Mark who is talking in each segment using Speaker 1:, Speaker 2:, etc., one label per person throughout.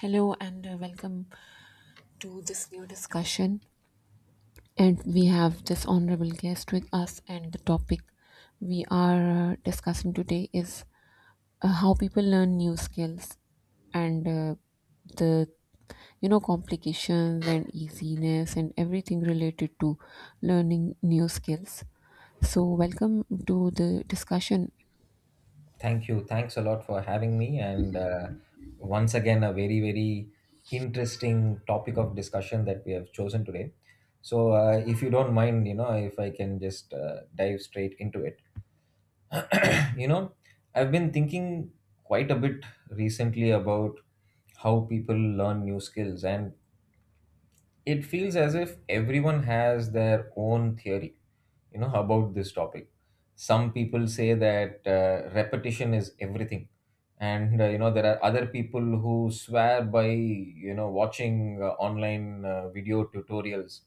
Speaker 1: Hello and welcome to this new discussion. And we have this honorable guest with us, and the topic we are discussing today is how people learn new skills and the complications and easiness and everything related to learning new skills. So welcome to the discussion.
Speaker 2: Thank you. Thanks a lot for having me. And once again, a very, very interesting topic of discussion that we have chosen today. So, if you don't mind, if I can just dive straight into it. you know, I've been thinking quite a bit recently about how people learn new skills. And it feels as if everyone has their own theory about this topic. Some people say that repetition is everything, and there are other people who swear by watching online video tutorials,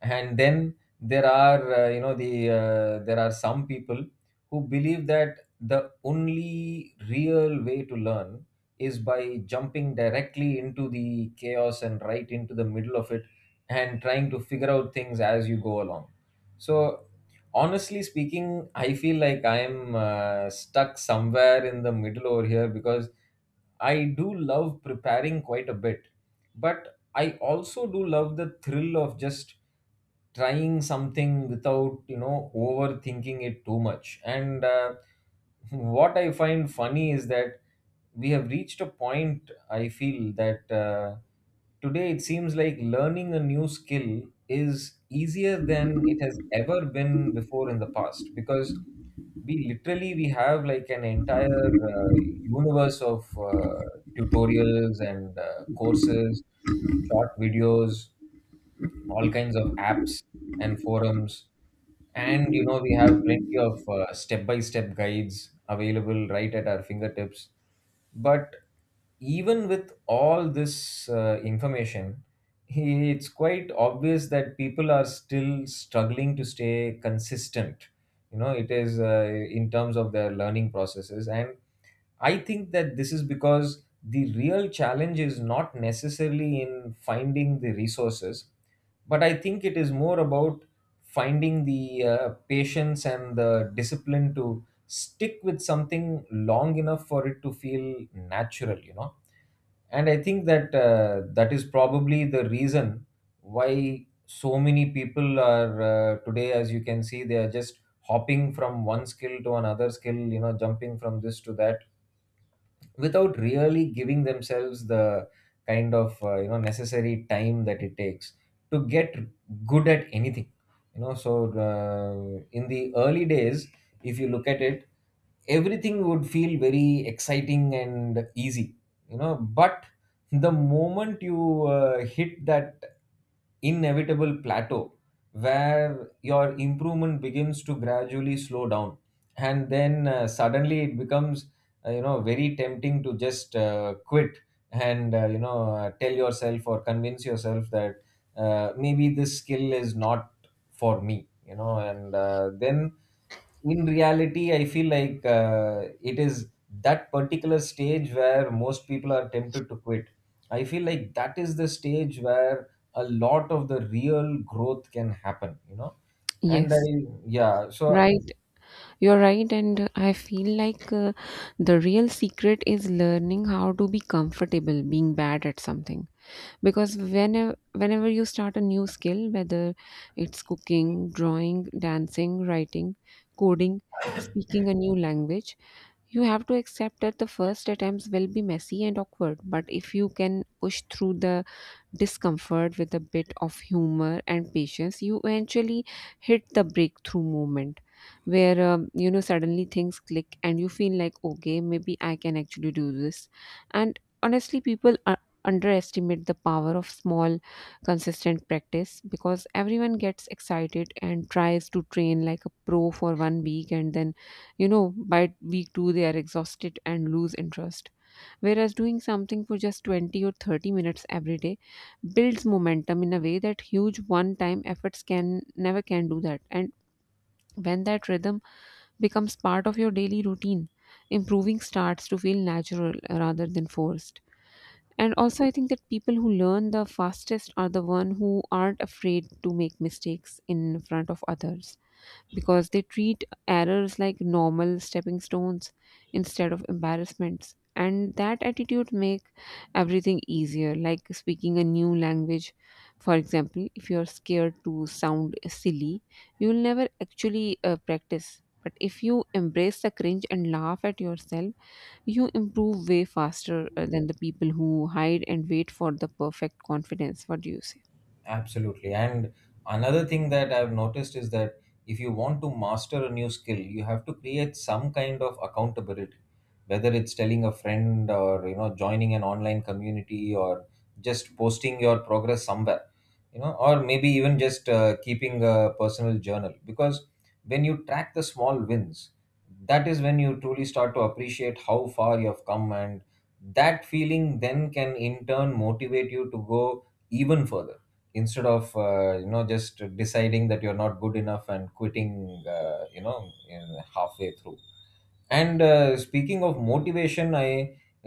Speaker 2: and then there are you know the there are some people who believe that the only real way to learn is by jumping directly into the chaos and right into the middle of it, and trying to figure out things as you go along. So, honestly speaking, I feel like I'm stuck somewhere in the middle over here, because I do love preparing quite a bit, but I also do love the thrill of just trying something without overthinking it too much. And what I find funny is that we have reached a point, I feel, that today it seems like learning a new skill is easier than it has ever been before in the past, because we have, like, an entire universe of tutorials and courses, short videos, all kinds of apps and forums, and we have plenty of step-by-step guides available right at our fingertips. But even with all this information, it's quite obvious that people are still struggling to stay consistent, you know it is in terms of their learning processes. And I think that this is because the real challenge is not necessarily in finding the resources, but I think it is more about finding the patience and the discipline to stick with something long enough for it to feel natural. And I think that that is probably the reason why so many people are, today, as you can see, they are just hopping from one skill to another skill, jumping from this to that, without really giving themselves the kind of necessary time that it takes to get good at anything you know so in the early days, if you look at it, everything would feel very exciting and easy, but the moment you hit that inevitable plateau, where your improvement begins to gradually slow down, and then suddenly it becomes, very tempting to just quit, and, tell yourself or convince yourself that, maybe this skill is not for me. And then, in reality, I feel like it is that particular stage where most people are tempted to quit, I feel like that is the stage where a lot of the real growth can happen. And I
Speaker 1: Yes,
Speaker 2: yeah, so.
Speaker 1: right. You're right, and I feel like the real secret is learning how to be comfortable being bad at something. Because whenever you start a new skill, whether it's cooking, drawing, dancing, writing, coding, speaking a new language, you have to accept that the first attempts will be messy and awkward, but if you can push through the discomfort with a bit of humor and patience, you eventually hit the breakthrough moment where suddenly things click and you feel like, okay, maybe I can actually do this. And honestly, people underestimate the power of small, consistent practice because everyone gets excited and tries to train like a pro for 1 week and then, you know, by week two, they are exhausted and lose interest. Whereas doing something for just 20 or 30 minutes every day builds momentum in a way that huge one time efforts can never can do that. And when that rhythm becomes part of your daily routine, improving starts to feel natural rather than forced. And also, I think that people who learn the fastest are the one who aren't afraid to make mistakes in front of others, because they treat errors like normal stepping stones instead of embarrassments, and that attitude make everything easier. Like speaking a new language, for example, if you're scared to sound silly you'll never actually practice, but if you embrace the cringe and laugh at yourself you improve way faster than the people who hide and wait for the perfect confidence. What do you say?
Speaker 2: Absolutely. And another thing that I've noticed is that if you want to master a new skill, you have to create some kind of accountability, whether it's telling a friend, or, you know, joining an online community, or just posting your progress somewhere, you know, or maybe even just keeping a personal journal. Because when you track the small wins, that is when you truly start to appreciate how far you have come. And that feeling then can in turn motivate you to go even further, instead of just deciding that you're not good enough and quitting, in halfway through. And speaking of motivation, I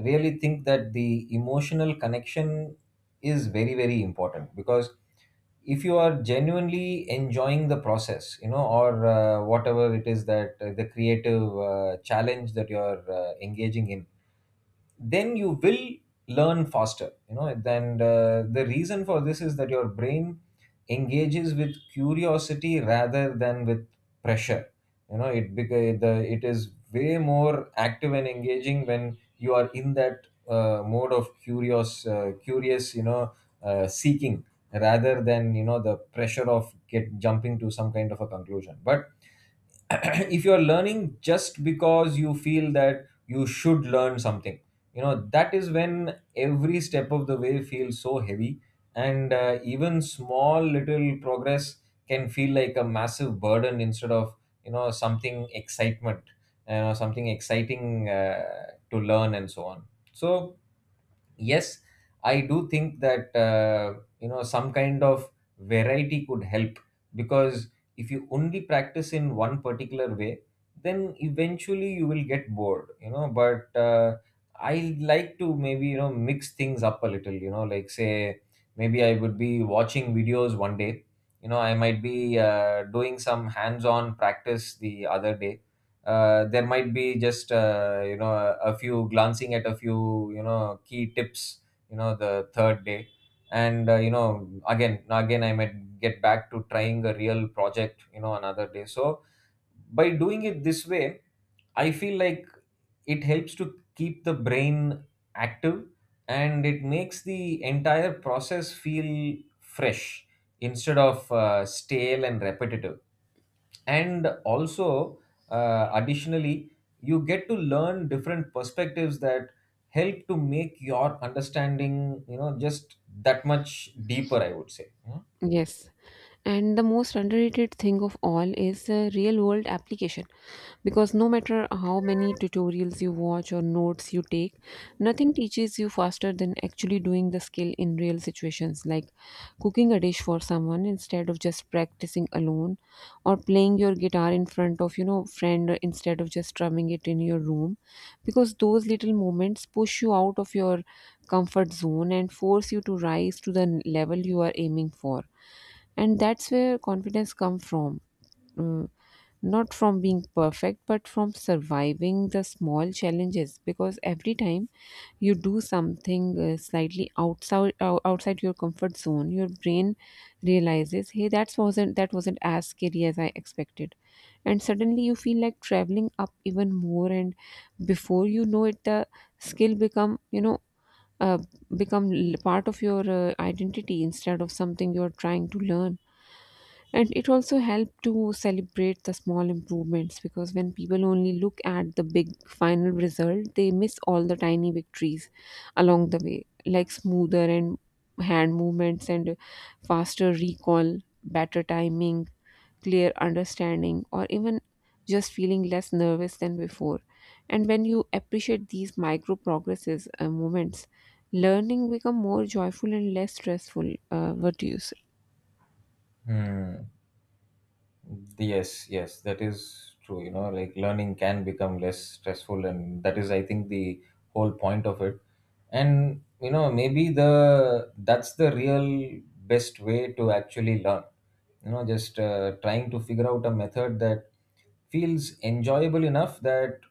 Speaker 2: really think that the emotional connection is very, very important, because if you are genuinely enjoying the process, you know or whatever it is that, the creative challenge that you're engaging in, then you will learn faster. The reason for this is that your brain engages with curiosity rather than with pressure. You know it beca- the it is way more active and engaging when you are in that mode of curious, seeking, rather than, you know, the pressure of get jumping to some kind of a conclusion. But if you're learning just because you feel that you should learn something, that is when every step of the way feels so heavy, and even small little progress can feel like a massive burden, instead of, you know, something exciting, to learn and so on. So, yes, I do think that some kind of variety could help, because if you only practice in one particular way, then eventually you will get bored, but I like to, maybe, you know, mix things up a little, you know, like, say, maybe I would be watching videos one day, I might be doing some hands on practice the other day, there might be just, a few, glancing at a few, key tips, the third day, and, again, I might get back to trying a real project, another day. So by doing it this way, I feel like it helps to keep the brain active, and it makes the entire process feel fresh instead of stale and repetitive. And also, additionally, you get to learn different perspectives that help to make your understanding, just that much deeper, I would say.
Speaker 1: Yes. And the most underrated thing of all is the real world application, because no matter how many tutorials you watch or notes you take, nothing teaches you faster than actually doing the skill in real situations, like cooking a dish for someone instead of just practicing alone, or playing your guitar in front of friend instead of just strumming it in your room, because those little moments push you out of your comfort zone and force you to rise to the level you are aiming for. And that's where confidence comes from, uh, not from being perfect but from surviving the small challenges, because every time you do something slightly outside your comfort zone your brain realizes, hey, that wasn't as scary as I expected, and suddenly you feel like traveling up even more, and before you know it the skill become you know uh, become l- part of your identity instead of something you're trying to learn. And it also helped to celebrate the small improvements, because when people only look at the big final result they miss all the tiny victories along the way, like smoother and hand movements, and faster recall, better timing, clear understanding, or even just feeling less nervous than before. And when you appreciate these micro progresses moments, learning become more joyful and less stressful. What do you say?
Speaker 2: Hmm. Yes, yes, that is true. You know, like, learning can become less stressful, and that is, I think, the whole point of it. And, you know, maybe the that's the real best way to actually learn. You know, just trying to figure out a method that feels enjoyable enough that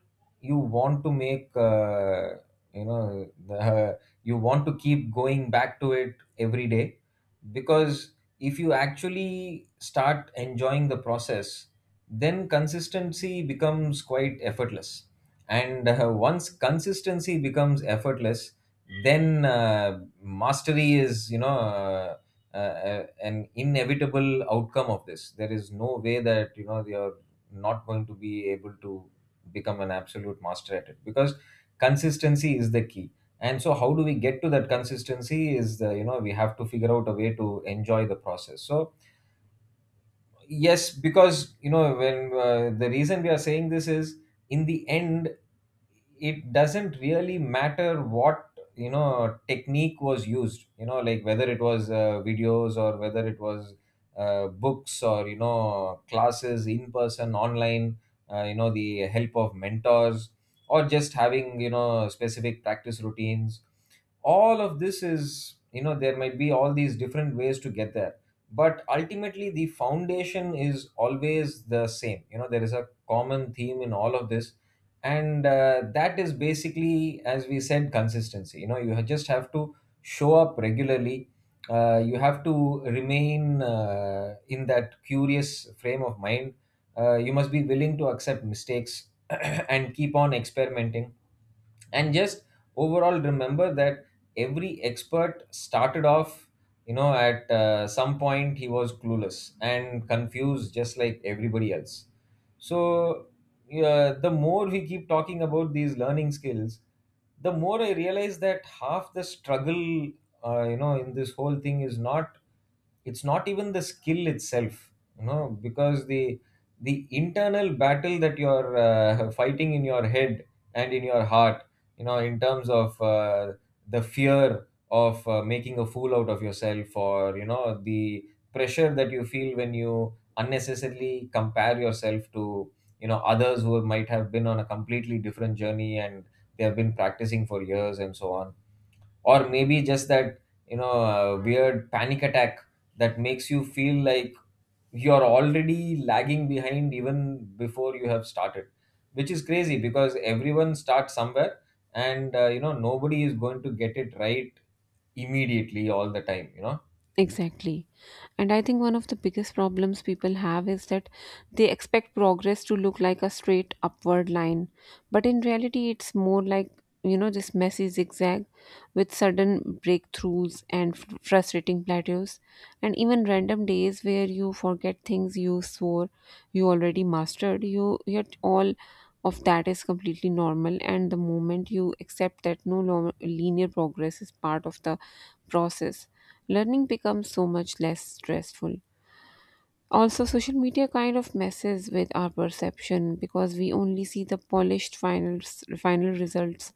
Speaker 2: you want to make, you know, the, you want to keep going back to it every day, because if you actually start enjoying the process, then consistency becomes quite effortless. And once consistency becomes effortless, then mastery is, an inevitable outcome of this. There is no way that, you know, you're not going to be able to become an absolute master at it, because consistency is the key. And so, how do we get to that consistency? Is the You know, we have to figure out a way to enjoy the process. So, yes, because, you know, when the reason we are saying this is, in the end, it doesn't really matter what, technique was used, you know, like, whether it was videos, or whether it was books, or, you know, classes in person, online, the help of mentors, or just having, you know, specific practice routines. All of this is, you know, there might be all these different ways to get there, but ultimately the foundation is always the same. You know, there is a common theme in all of this, and that is basically, as we said, consistency. You know, just have to show up regularly. You have to remain in that curious frame of mind. You must be willing to accept mistakes and keep on experimenting, and just overall remember that every expert started off, you know, at some point, he was clueless and confused just like everybody else. So yeah, the more we keep talking about these learning skills, the more I realize that half the struggle, in this whole thing, is not it's not even the skill itself, because the internal battle that you're fighting in your head and in your heart, in terms of the fear of making a fool out of yourself, or, you know, the pressure that you feel when you unnecessarily compare yourself to, you know, others who might have been on a completely different journey, and they have been practicing for years and so on. Or maybe just that, weird panic attack that makes you feel like you're already lagging behind even before you have started, which is crazy, because everyone starts somewhere. And, nobody is going to get it right immediately all the time.
Speaker 1: Exactly. And I think one of the biggest problems people have is that they expect progress to look like a straight upward line. But in reality, it's more like, you know, this messy zigzag with sudden breakthroughs and frustrating plateaus, and even random days where you forget things you swore you already mastered. You yet all of that is completely normal, and the moment you accept that no longer linear progress is part of the process, learning becomes so much less stressful. Also, social media kind of messes with our perception because we only see the polished finals, final results.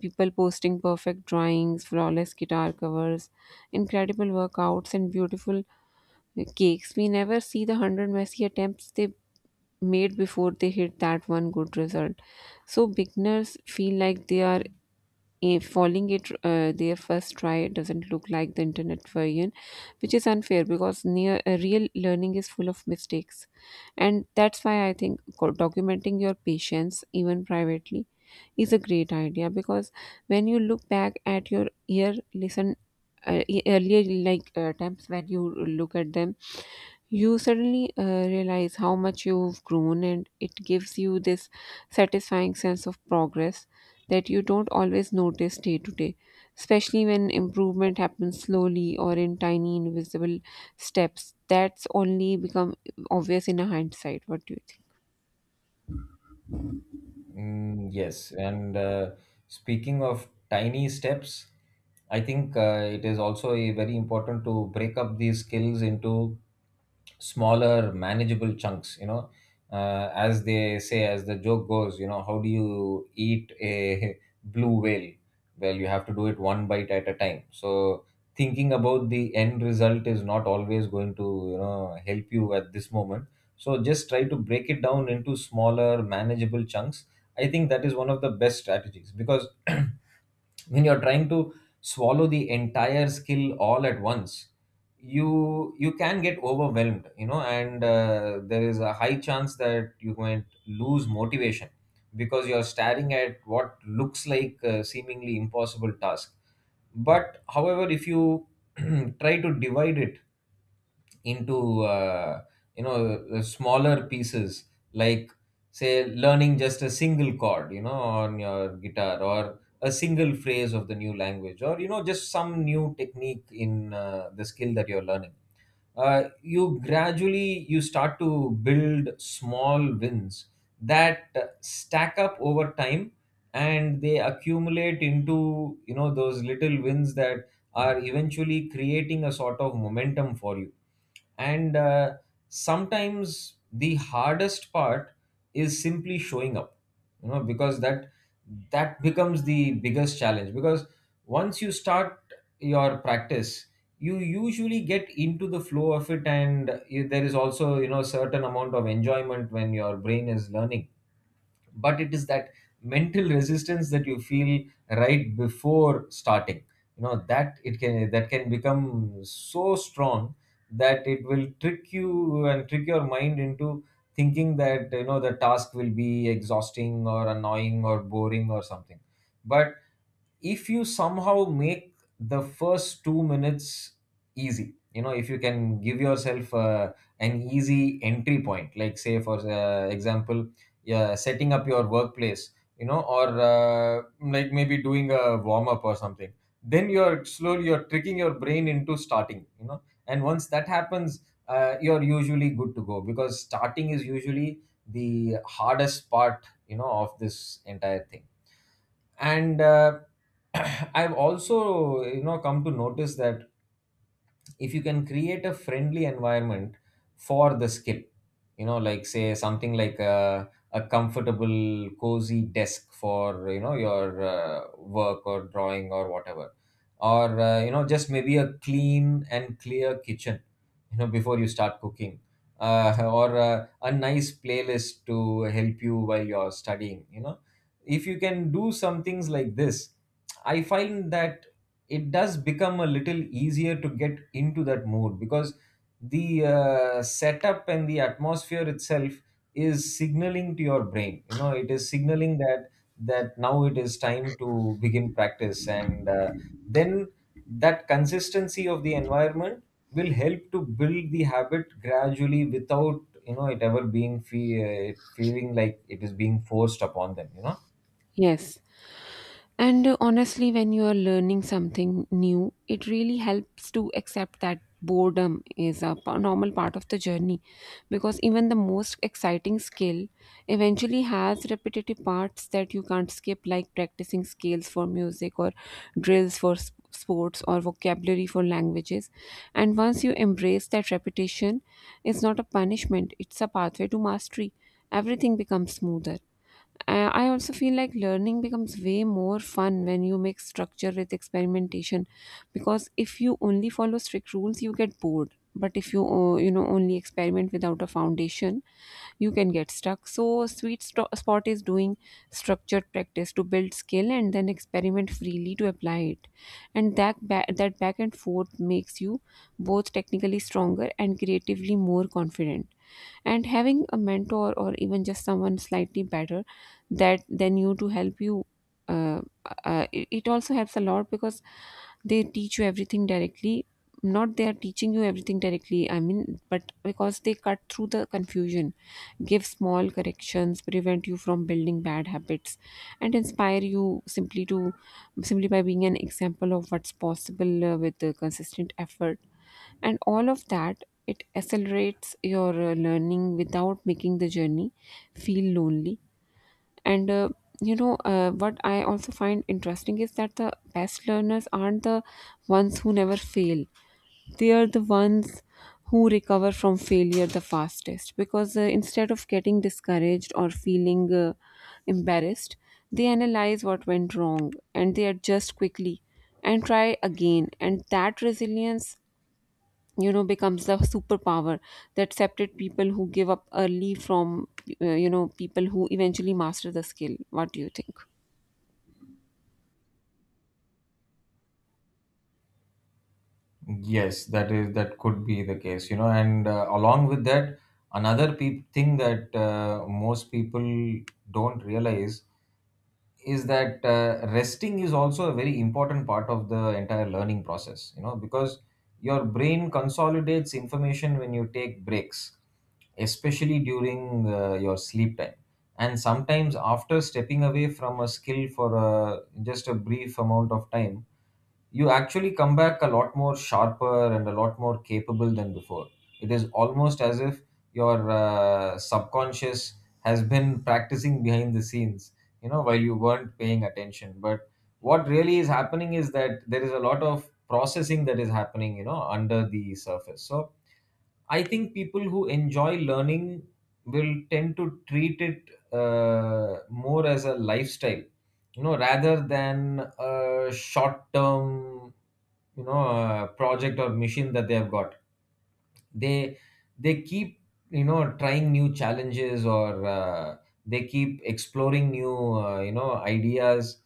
Speaker 1: People posting perfect drawings, flawless guitar covers, incredible workouts, and beautiful cakes. We never see the hundred messy attempts they made before they hit that one good result. So, beginners feel like they are if falling it, their first try doesn't look like the internet version, which is unfair because near real learning is full of mistakes. And that's why I think documenting your patience, even privately, is a great idea, because when you look back at your year listen earlier, like times when you look at them, you suddenly realize how much you've grown, and it gives you this satisfying sense of progress that you don't always notice day to day, especially when improvement happens slowly or in tiny invisible steps that's only become obvious in a hindsight. What do you think?
Speaker 2: Mm, yes, and speaking of tiny steps, I think it is also a very important to break up these skills into smaller manageable chunks. As they say, as the joke goes, you know, how do you eat a blue whale? Well, you have to do it one bite at a time. So, thinking about the end result is not always going to, you know, help you at this moment. So just try to break it down into smaller manageable chunks. I think that is one of the best strategies because when you're trying to swallow the entire skill all at once, you can get overwhelmed, you know, and there is a high chance that you might lose motivation because you're staring at what looks like a seemingly impossible task. But however, if you try to divide it into you know smaller pieces, like say learning just a single chord, you know, on your guitar, or a single phrase of the new language, or you know just some new technique in the skill that you're learning. You gradually, you start to build small wins that stack up over time, and they accumulate into, you know, those little wins that are eventually creating a sort of momentum for you. And sometimes the hardest part is simply showing up, you know, because that becomes the biggest challenge, because once you start your practice, you usually get into the flow of it, and there is also, you know, a certain amount of enjoyment when your brain is learning. But it is that mental resistance that you feel right before starting, you know, that it can that can become so strong that it will trick you and trick your mind into thinking that, you know, the task will be exhausting or annoying or boring or something. But if you somehow make the first 2 minutes easy, you know, if you can give yourself an easy entry point, like say for example, yeah, setting up your workplace, you know, or like maybe doing a warm up or something, then you're slowly you're tricking your brain into starting, you know. And once that happens, you're usually good to go, because starting is usually the hardest part, you know, of this entire thing. And I've also, you know, come to notice that if you can create a friendly environment for the skip, you know, like say something like a comfortable cozy desk for, you know, your work or drawing or whatever, or you know, just maybe a clean and clear kitchen, you know, before you start cooking. Or a nice playlist to help you while you're studying, you know. If you can do some things like this, I find that it does become a little easier to get into that mood, because the setup and the atmosphere itself is signaling to your brain, you know, it is signaling that now it is time to begin practice, and then that consistency of the environment will help to build the habit gradually without, you know, it ever being feeling like it is being forced upon them, you know.
Speaker 1: Yes. And honestly, when you are learning something new, it really helps to accept that boredom is a normal part of the journey, because even the most exciting skill eventually has repetitive parts that you can't skip, like practicing scales for music, or drills for sports, or vocabulary for languages. And once you embrace that repetition, it's not a punishment, it's a pathway to mastery. Everything becomes smoother. I also feel like learning becomes way more fun when you mix structure with experimentation, because if you only follow strict rules you get bored, but if you you know only experiment without a foundation you can get stuck, so sweet spot is doing structured practice to build skill and then experiment freely to apply it, and that back and forth makes you both technically stronger and creatively more confident. And having a mentor or even just someone slightly better that than you to help you, uh, it also helps a lot, because they teach you everything directly, not they are teaching you everything directly, I mean, but because they cut through the confusion, give small corrections, prevent you from building bad habits, and inspire you simply to simply by being an example of what's possible with the consistent effort. And all of that, it accelerates your learning without making the journey feel lonely. And what I also find interesting is that the best learners aren't the ones who never fail, they are the ones who recover from failure the fastest, because, instead of getting discouraged or feeling embarrassed, they analyze what went wrong and they adjust quickly and try again. And that resilience becomes the superpower that separates people who give up early from people who eventually master the skill. What do you think?
Speaker 2: Yes, that is, that could be the case, you know, and along with that, another peop thing that most people don't realize is that resting is also a very important part of the entire learning process, you know, because your brain consolidates information when you take breaks, especially during your sleep time. And sometimes, after stepping away from a skill for a, just a brief amount of time, you actually come back a lot more sharper and a lot more capable than before. It is almost as if your subconscious has been practicing behind the scenes, you know, while you weren't paying attention. But what really is happening is that there is a lot of processing that is happening, you know, under the surface. So I think people who enjoy learning will tend to treat it more as a lifestyle, you know, rather than a short term, you know, project or mission that they have got. They they keep, you know, trying new challenges, or they keep exploring new you know ideas,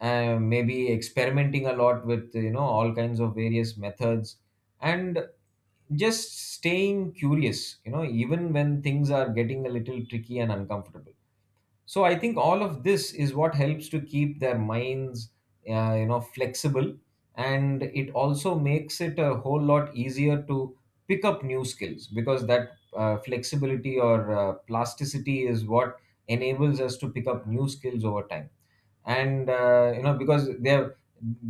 Speaker 2: maybe experimenting a lot with, you know, all kinds of various methods, and just staying curious, you know, even when things are getting a little tricky and uncomfortable. So I think all of this is what helps to keep their minds you know flexible, and it also makes it a whole lot easier to pick up new skills, because that flexibility, or plasticity, is what enables us to pick up new skills over time. And you know, because they have,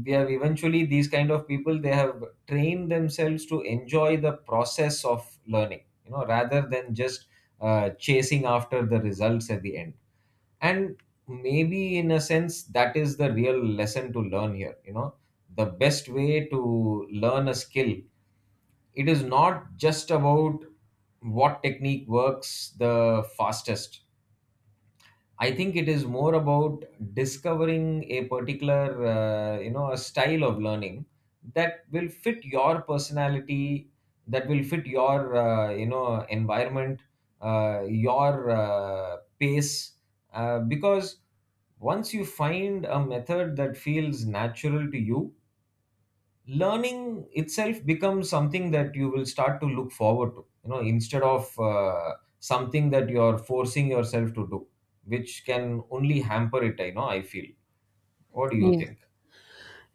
Speaker 2: eventually, these kind of people, they have trained themselves to enjoy the process of learning, you know, rather than just chasing after the results at the end. And maybe, in a sense, that is the real lesson to learn here, you know. The best way to learn a skill, it is not just about what technique works the fastest. I think it is more about discovering a particular, you know, a style of learning that will fit your personality, that will fit your, you know, environment, your pace. Because once you find a method that feels natural to you, learning itself becomes something that you will start to look forward to, you know, instead of something that you're forcing yourself to do, which can only hamper it. I know, I feel. What do you think?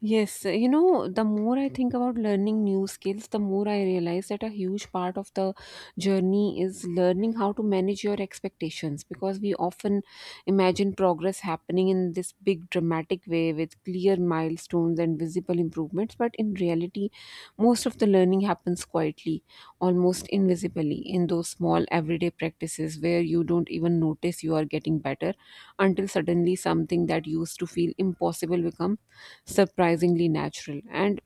Speaker 1: Yes, you know, the more I think about learning new skills, the more I realize that a huge part of the journey is learning how to manage your expectations, because we often imagine progress happening in this big dramatic way with clear milestones and visible improvements, but in reality, most of the learning happens quietly, almost invisibly, in those small everyday practices where you don't even notice you are getting better until suddenly something that used to feel impossible becomes surprisingly natural. And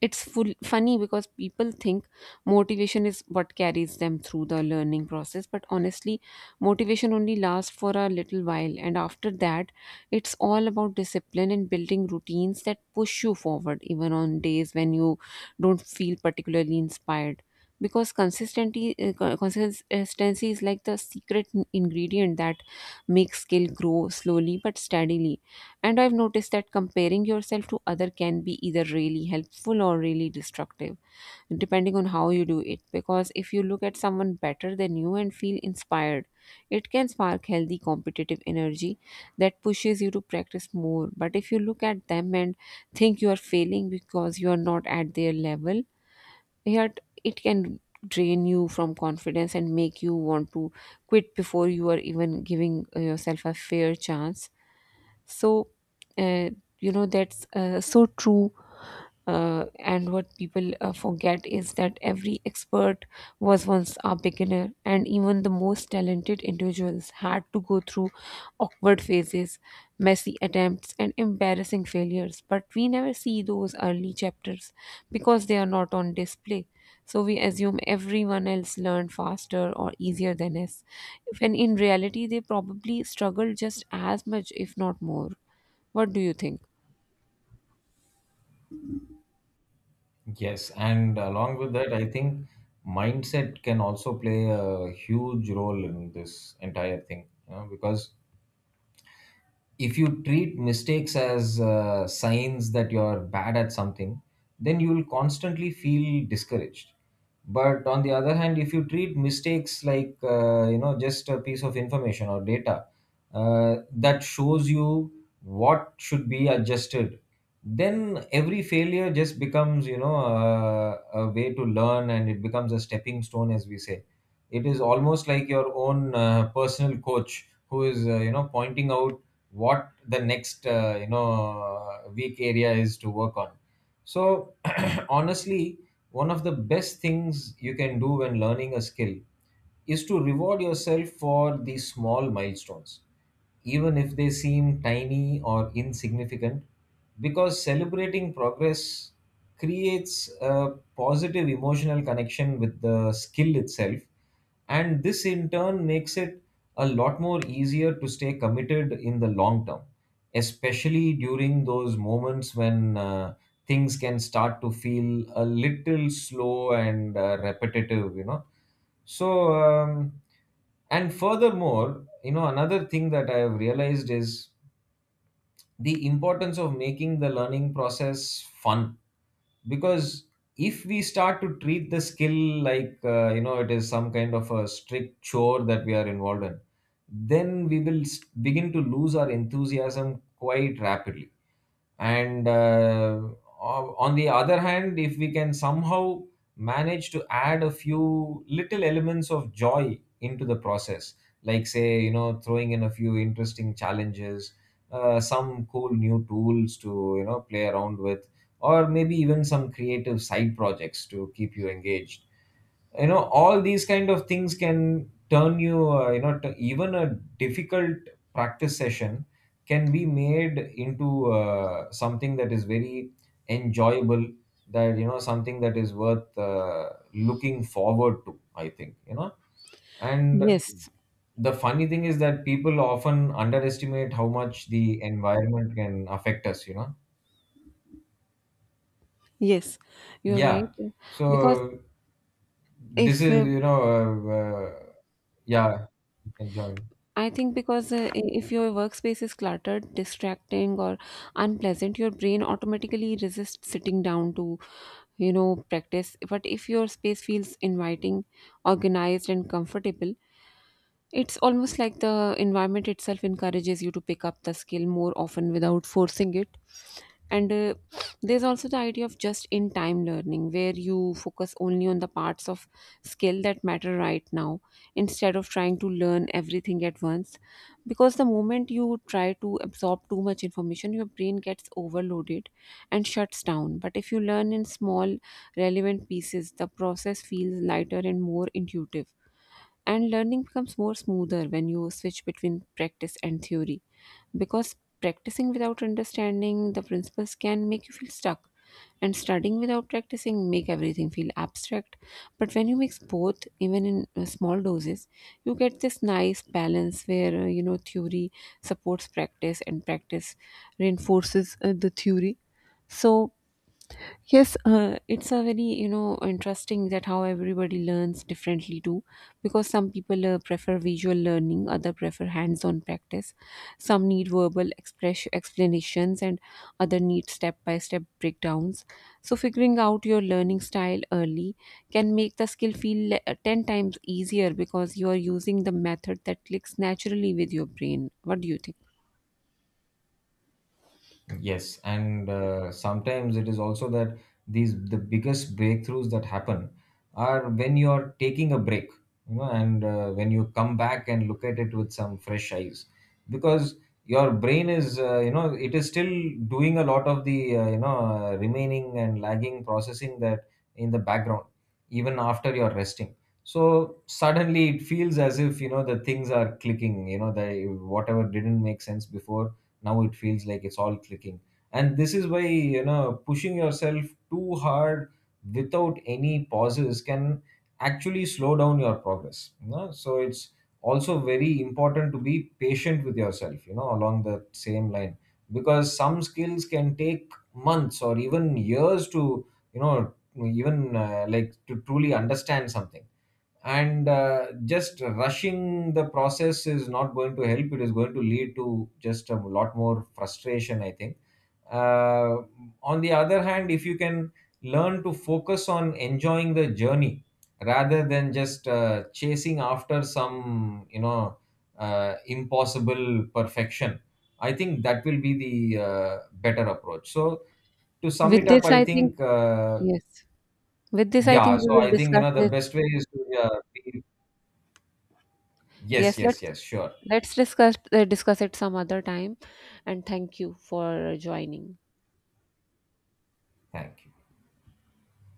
Speaker 1: it's full funny because people think motivation is what carries them through the learning process, but honestly motivation only lasts for a little while, and after that it's all about discipline and building routines that push you forward even on days when you don't feel particularly inspired, because consistency is like the secret ingredient that makes skill grow slowly but steadily. And I've noticed that comparing yourself to other can be either really helpful or really destructive, depending on how you do it. Because if you look at someone better than you and feel inspired, it can spark healthy competitive energy that pushes you to practice more. But if you look at them and think you are failing because you are not at their level, yet it can drain you from confidence and make you want to quit before you are even giving yourself a fair chance. So uh, you know, that's so true. And what people forget is that every expert was once a beginner, and even the most talented individuals had to go through awkward phases, messy attempts, and embarrassing failures. But we never see those early chapters because they are not on display. So we assume everyone else learned faster or easier than us, when in reality, they probably struggled just as much, if not more. What do you think?
Speaker 2: Yes, and along with that, I think mindset can also play a huge role in this entire thing, you know, because if you treat mistakes as signs that you're bad at something, then you will constantly feel discouraged. But on the other hand, if you treat mistakes like you know, just a piece of information or data that shows you what should be adjusted, then every failure just becomes, you know, a way to learn, and it becomes a stepping stone, as we say. It is almost like your own personal coach who is, you know, pointing out what the next, you know, weak area is to work on. So honestly, one of the best things you can do when learning a skill is to reward yourself for these small milestones, even if they seem tiny or insignificant, because celebrating progress creates a positive emotional connection with the skill itself, and this in turn makes it a lot more easier to stay committed in the long term, especially during those moments when things can start to feel a little slow and repetitive, you know. So and furthermore, you know, another thing that I have realized is the importance of making the learning process fun, because if we start to treat the skill like, you know, it is some kind of a strict chore that we are involved in, then we will begin to lose our enthusiasm quite rapidly. and uh, on the other hand, if we can somehow manage to add a few little elements of joy into the process, like say, you know, throwing in a few interesting challenges, some cool new tools to, you know, play around with, or maybe even some creative side projects to keep you engaged, you know, all these kind of things can turn you, you know, even a difficult practice session can be made into something that is very enjoyable, that, you know, something that is worth looking forward to, I think, you know. And
Speaker 1: Yes,
Speaker 2: the funny thing is that people often underestimate how much the environment can affect us, you know.
Speaker 1: yes, you're right.
Speaker 2: Yeah,
Speaker 1: Because
Speaker 2: so this
Speaker 1: if
Speaker 2: is, you know, yeah, you can join.
Speaker 1: I think because I- if your workspace is cluttered, distracting or unpleasant, your brain automatically resists sitting down to, practice. But if your space feels inviting, organized and comfortable, it's almost like the environment itself encourages you to pick up the skill more often without forcing it. And there's also the idea of just in time learning, where you focus only on the parts of skill that matter right now instead of trying to learn everything at once. Because the moment you try to absorb too much information, your brain gets overloaded and shuts down. But if you learn in small, relevant pieces, the process feels lighter and more intuitive. And learning becomes more smoother when you switch between practice and theory, because practicing without understanding the principles can make you feel stuck, and studying without practicing make everything feel abstract, but when you mix both, even in small doses, you get this nice balance where theory supports practice and practice reinforces the theory. So yes, it's a very, interesting that how everybody learns differently too, because some people prefer visual learning, other prefer hands-on practice. Some need verbal express explanations, and other need step-by-step breakdowns. So figuring out your learning style early can make the skill feel 10 times easier because you are using the method that clicks naturally with your brain. What do you think?
Speaker 2: Yes, and sometimes it is also that the biggest breakthroughs that happen are when you are taking a break, you know, and when you come back and look at it with some fresh eyes, because your brain is, you know, it is still doing a lot of the, you know, remaining and lagging processing that in the background, even after you're resting. So suddenly it feels as if, you know, the things are clicking, you know, the whatever didn't make sense before, now it feels like it's all clicking. And this is why, you know, pushing yourself too hard without any pauses can actually slow down your progress, you know? So it's also very important to be patient with yourself, you know, along the same line, because some skills can take months or even years to, you know, even like, to truly understand something. And just rushing the process is not going to help, it is going to lead to just a lot more frustration, I think. uh, on the other hand, if you can learn to focus on enjoying the journey rather than just chasing after some, you know, impossible perfection, I think that will be the better approach. So to sum it
Speaker 1: With
Speaker 2: up,
Speaker 1: this,
Speaker 2: I
Speaker 1: I think
Speaker 2: think
Speaker 1: yes. With this, I
Speaker 2: yeah,
Speaker 1: think we
Speaker 2: so
Speaker 1: will
Speaker 2: I think, you
Speaker 1: discuss
Speaker 2: know, the
Speaker 1: this.
Speaker 2: best way is to be. Yes,
Speaker 1: Yes,
Speaker 2: yes,
Speaker 1: let's
Speaker 2: yes, sure.
Speaker 1: Let's discuss uh, discuss it some other time, and thank you for joining.
Speaker 2: Thank you.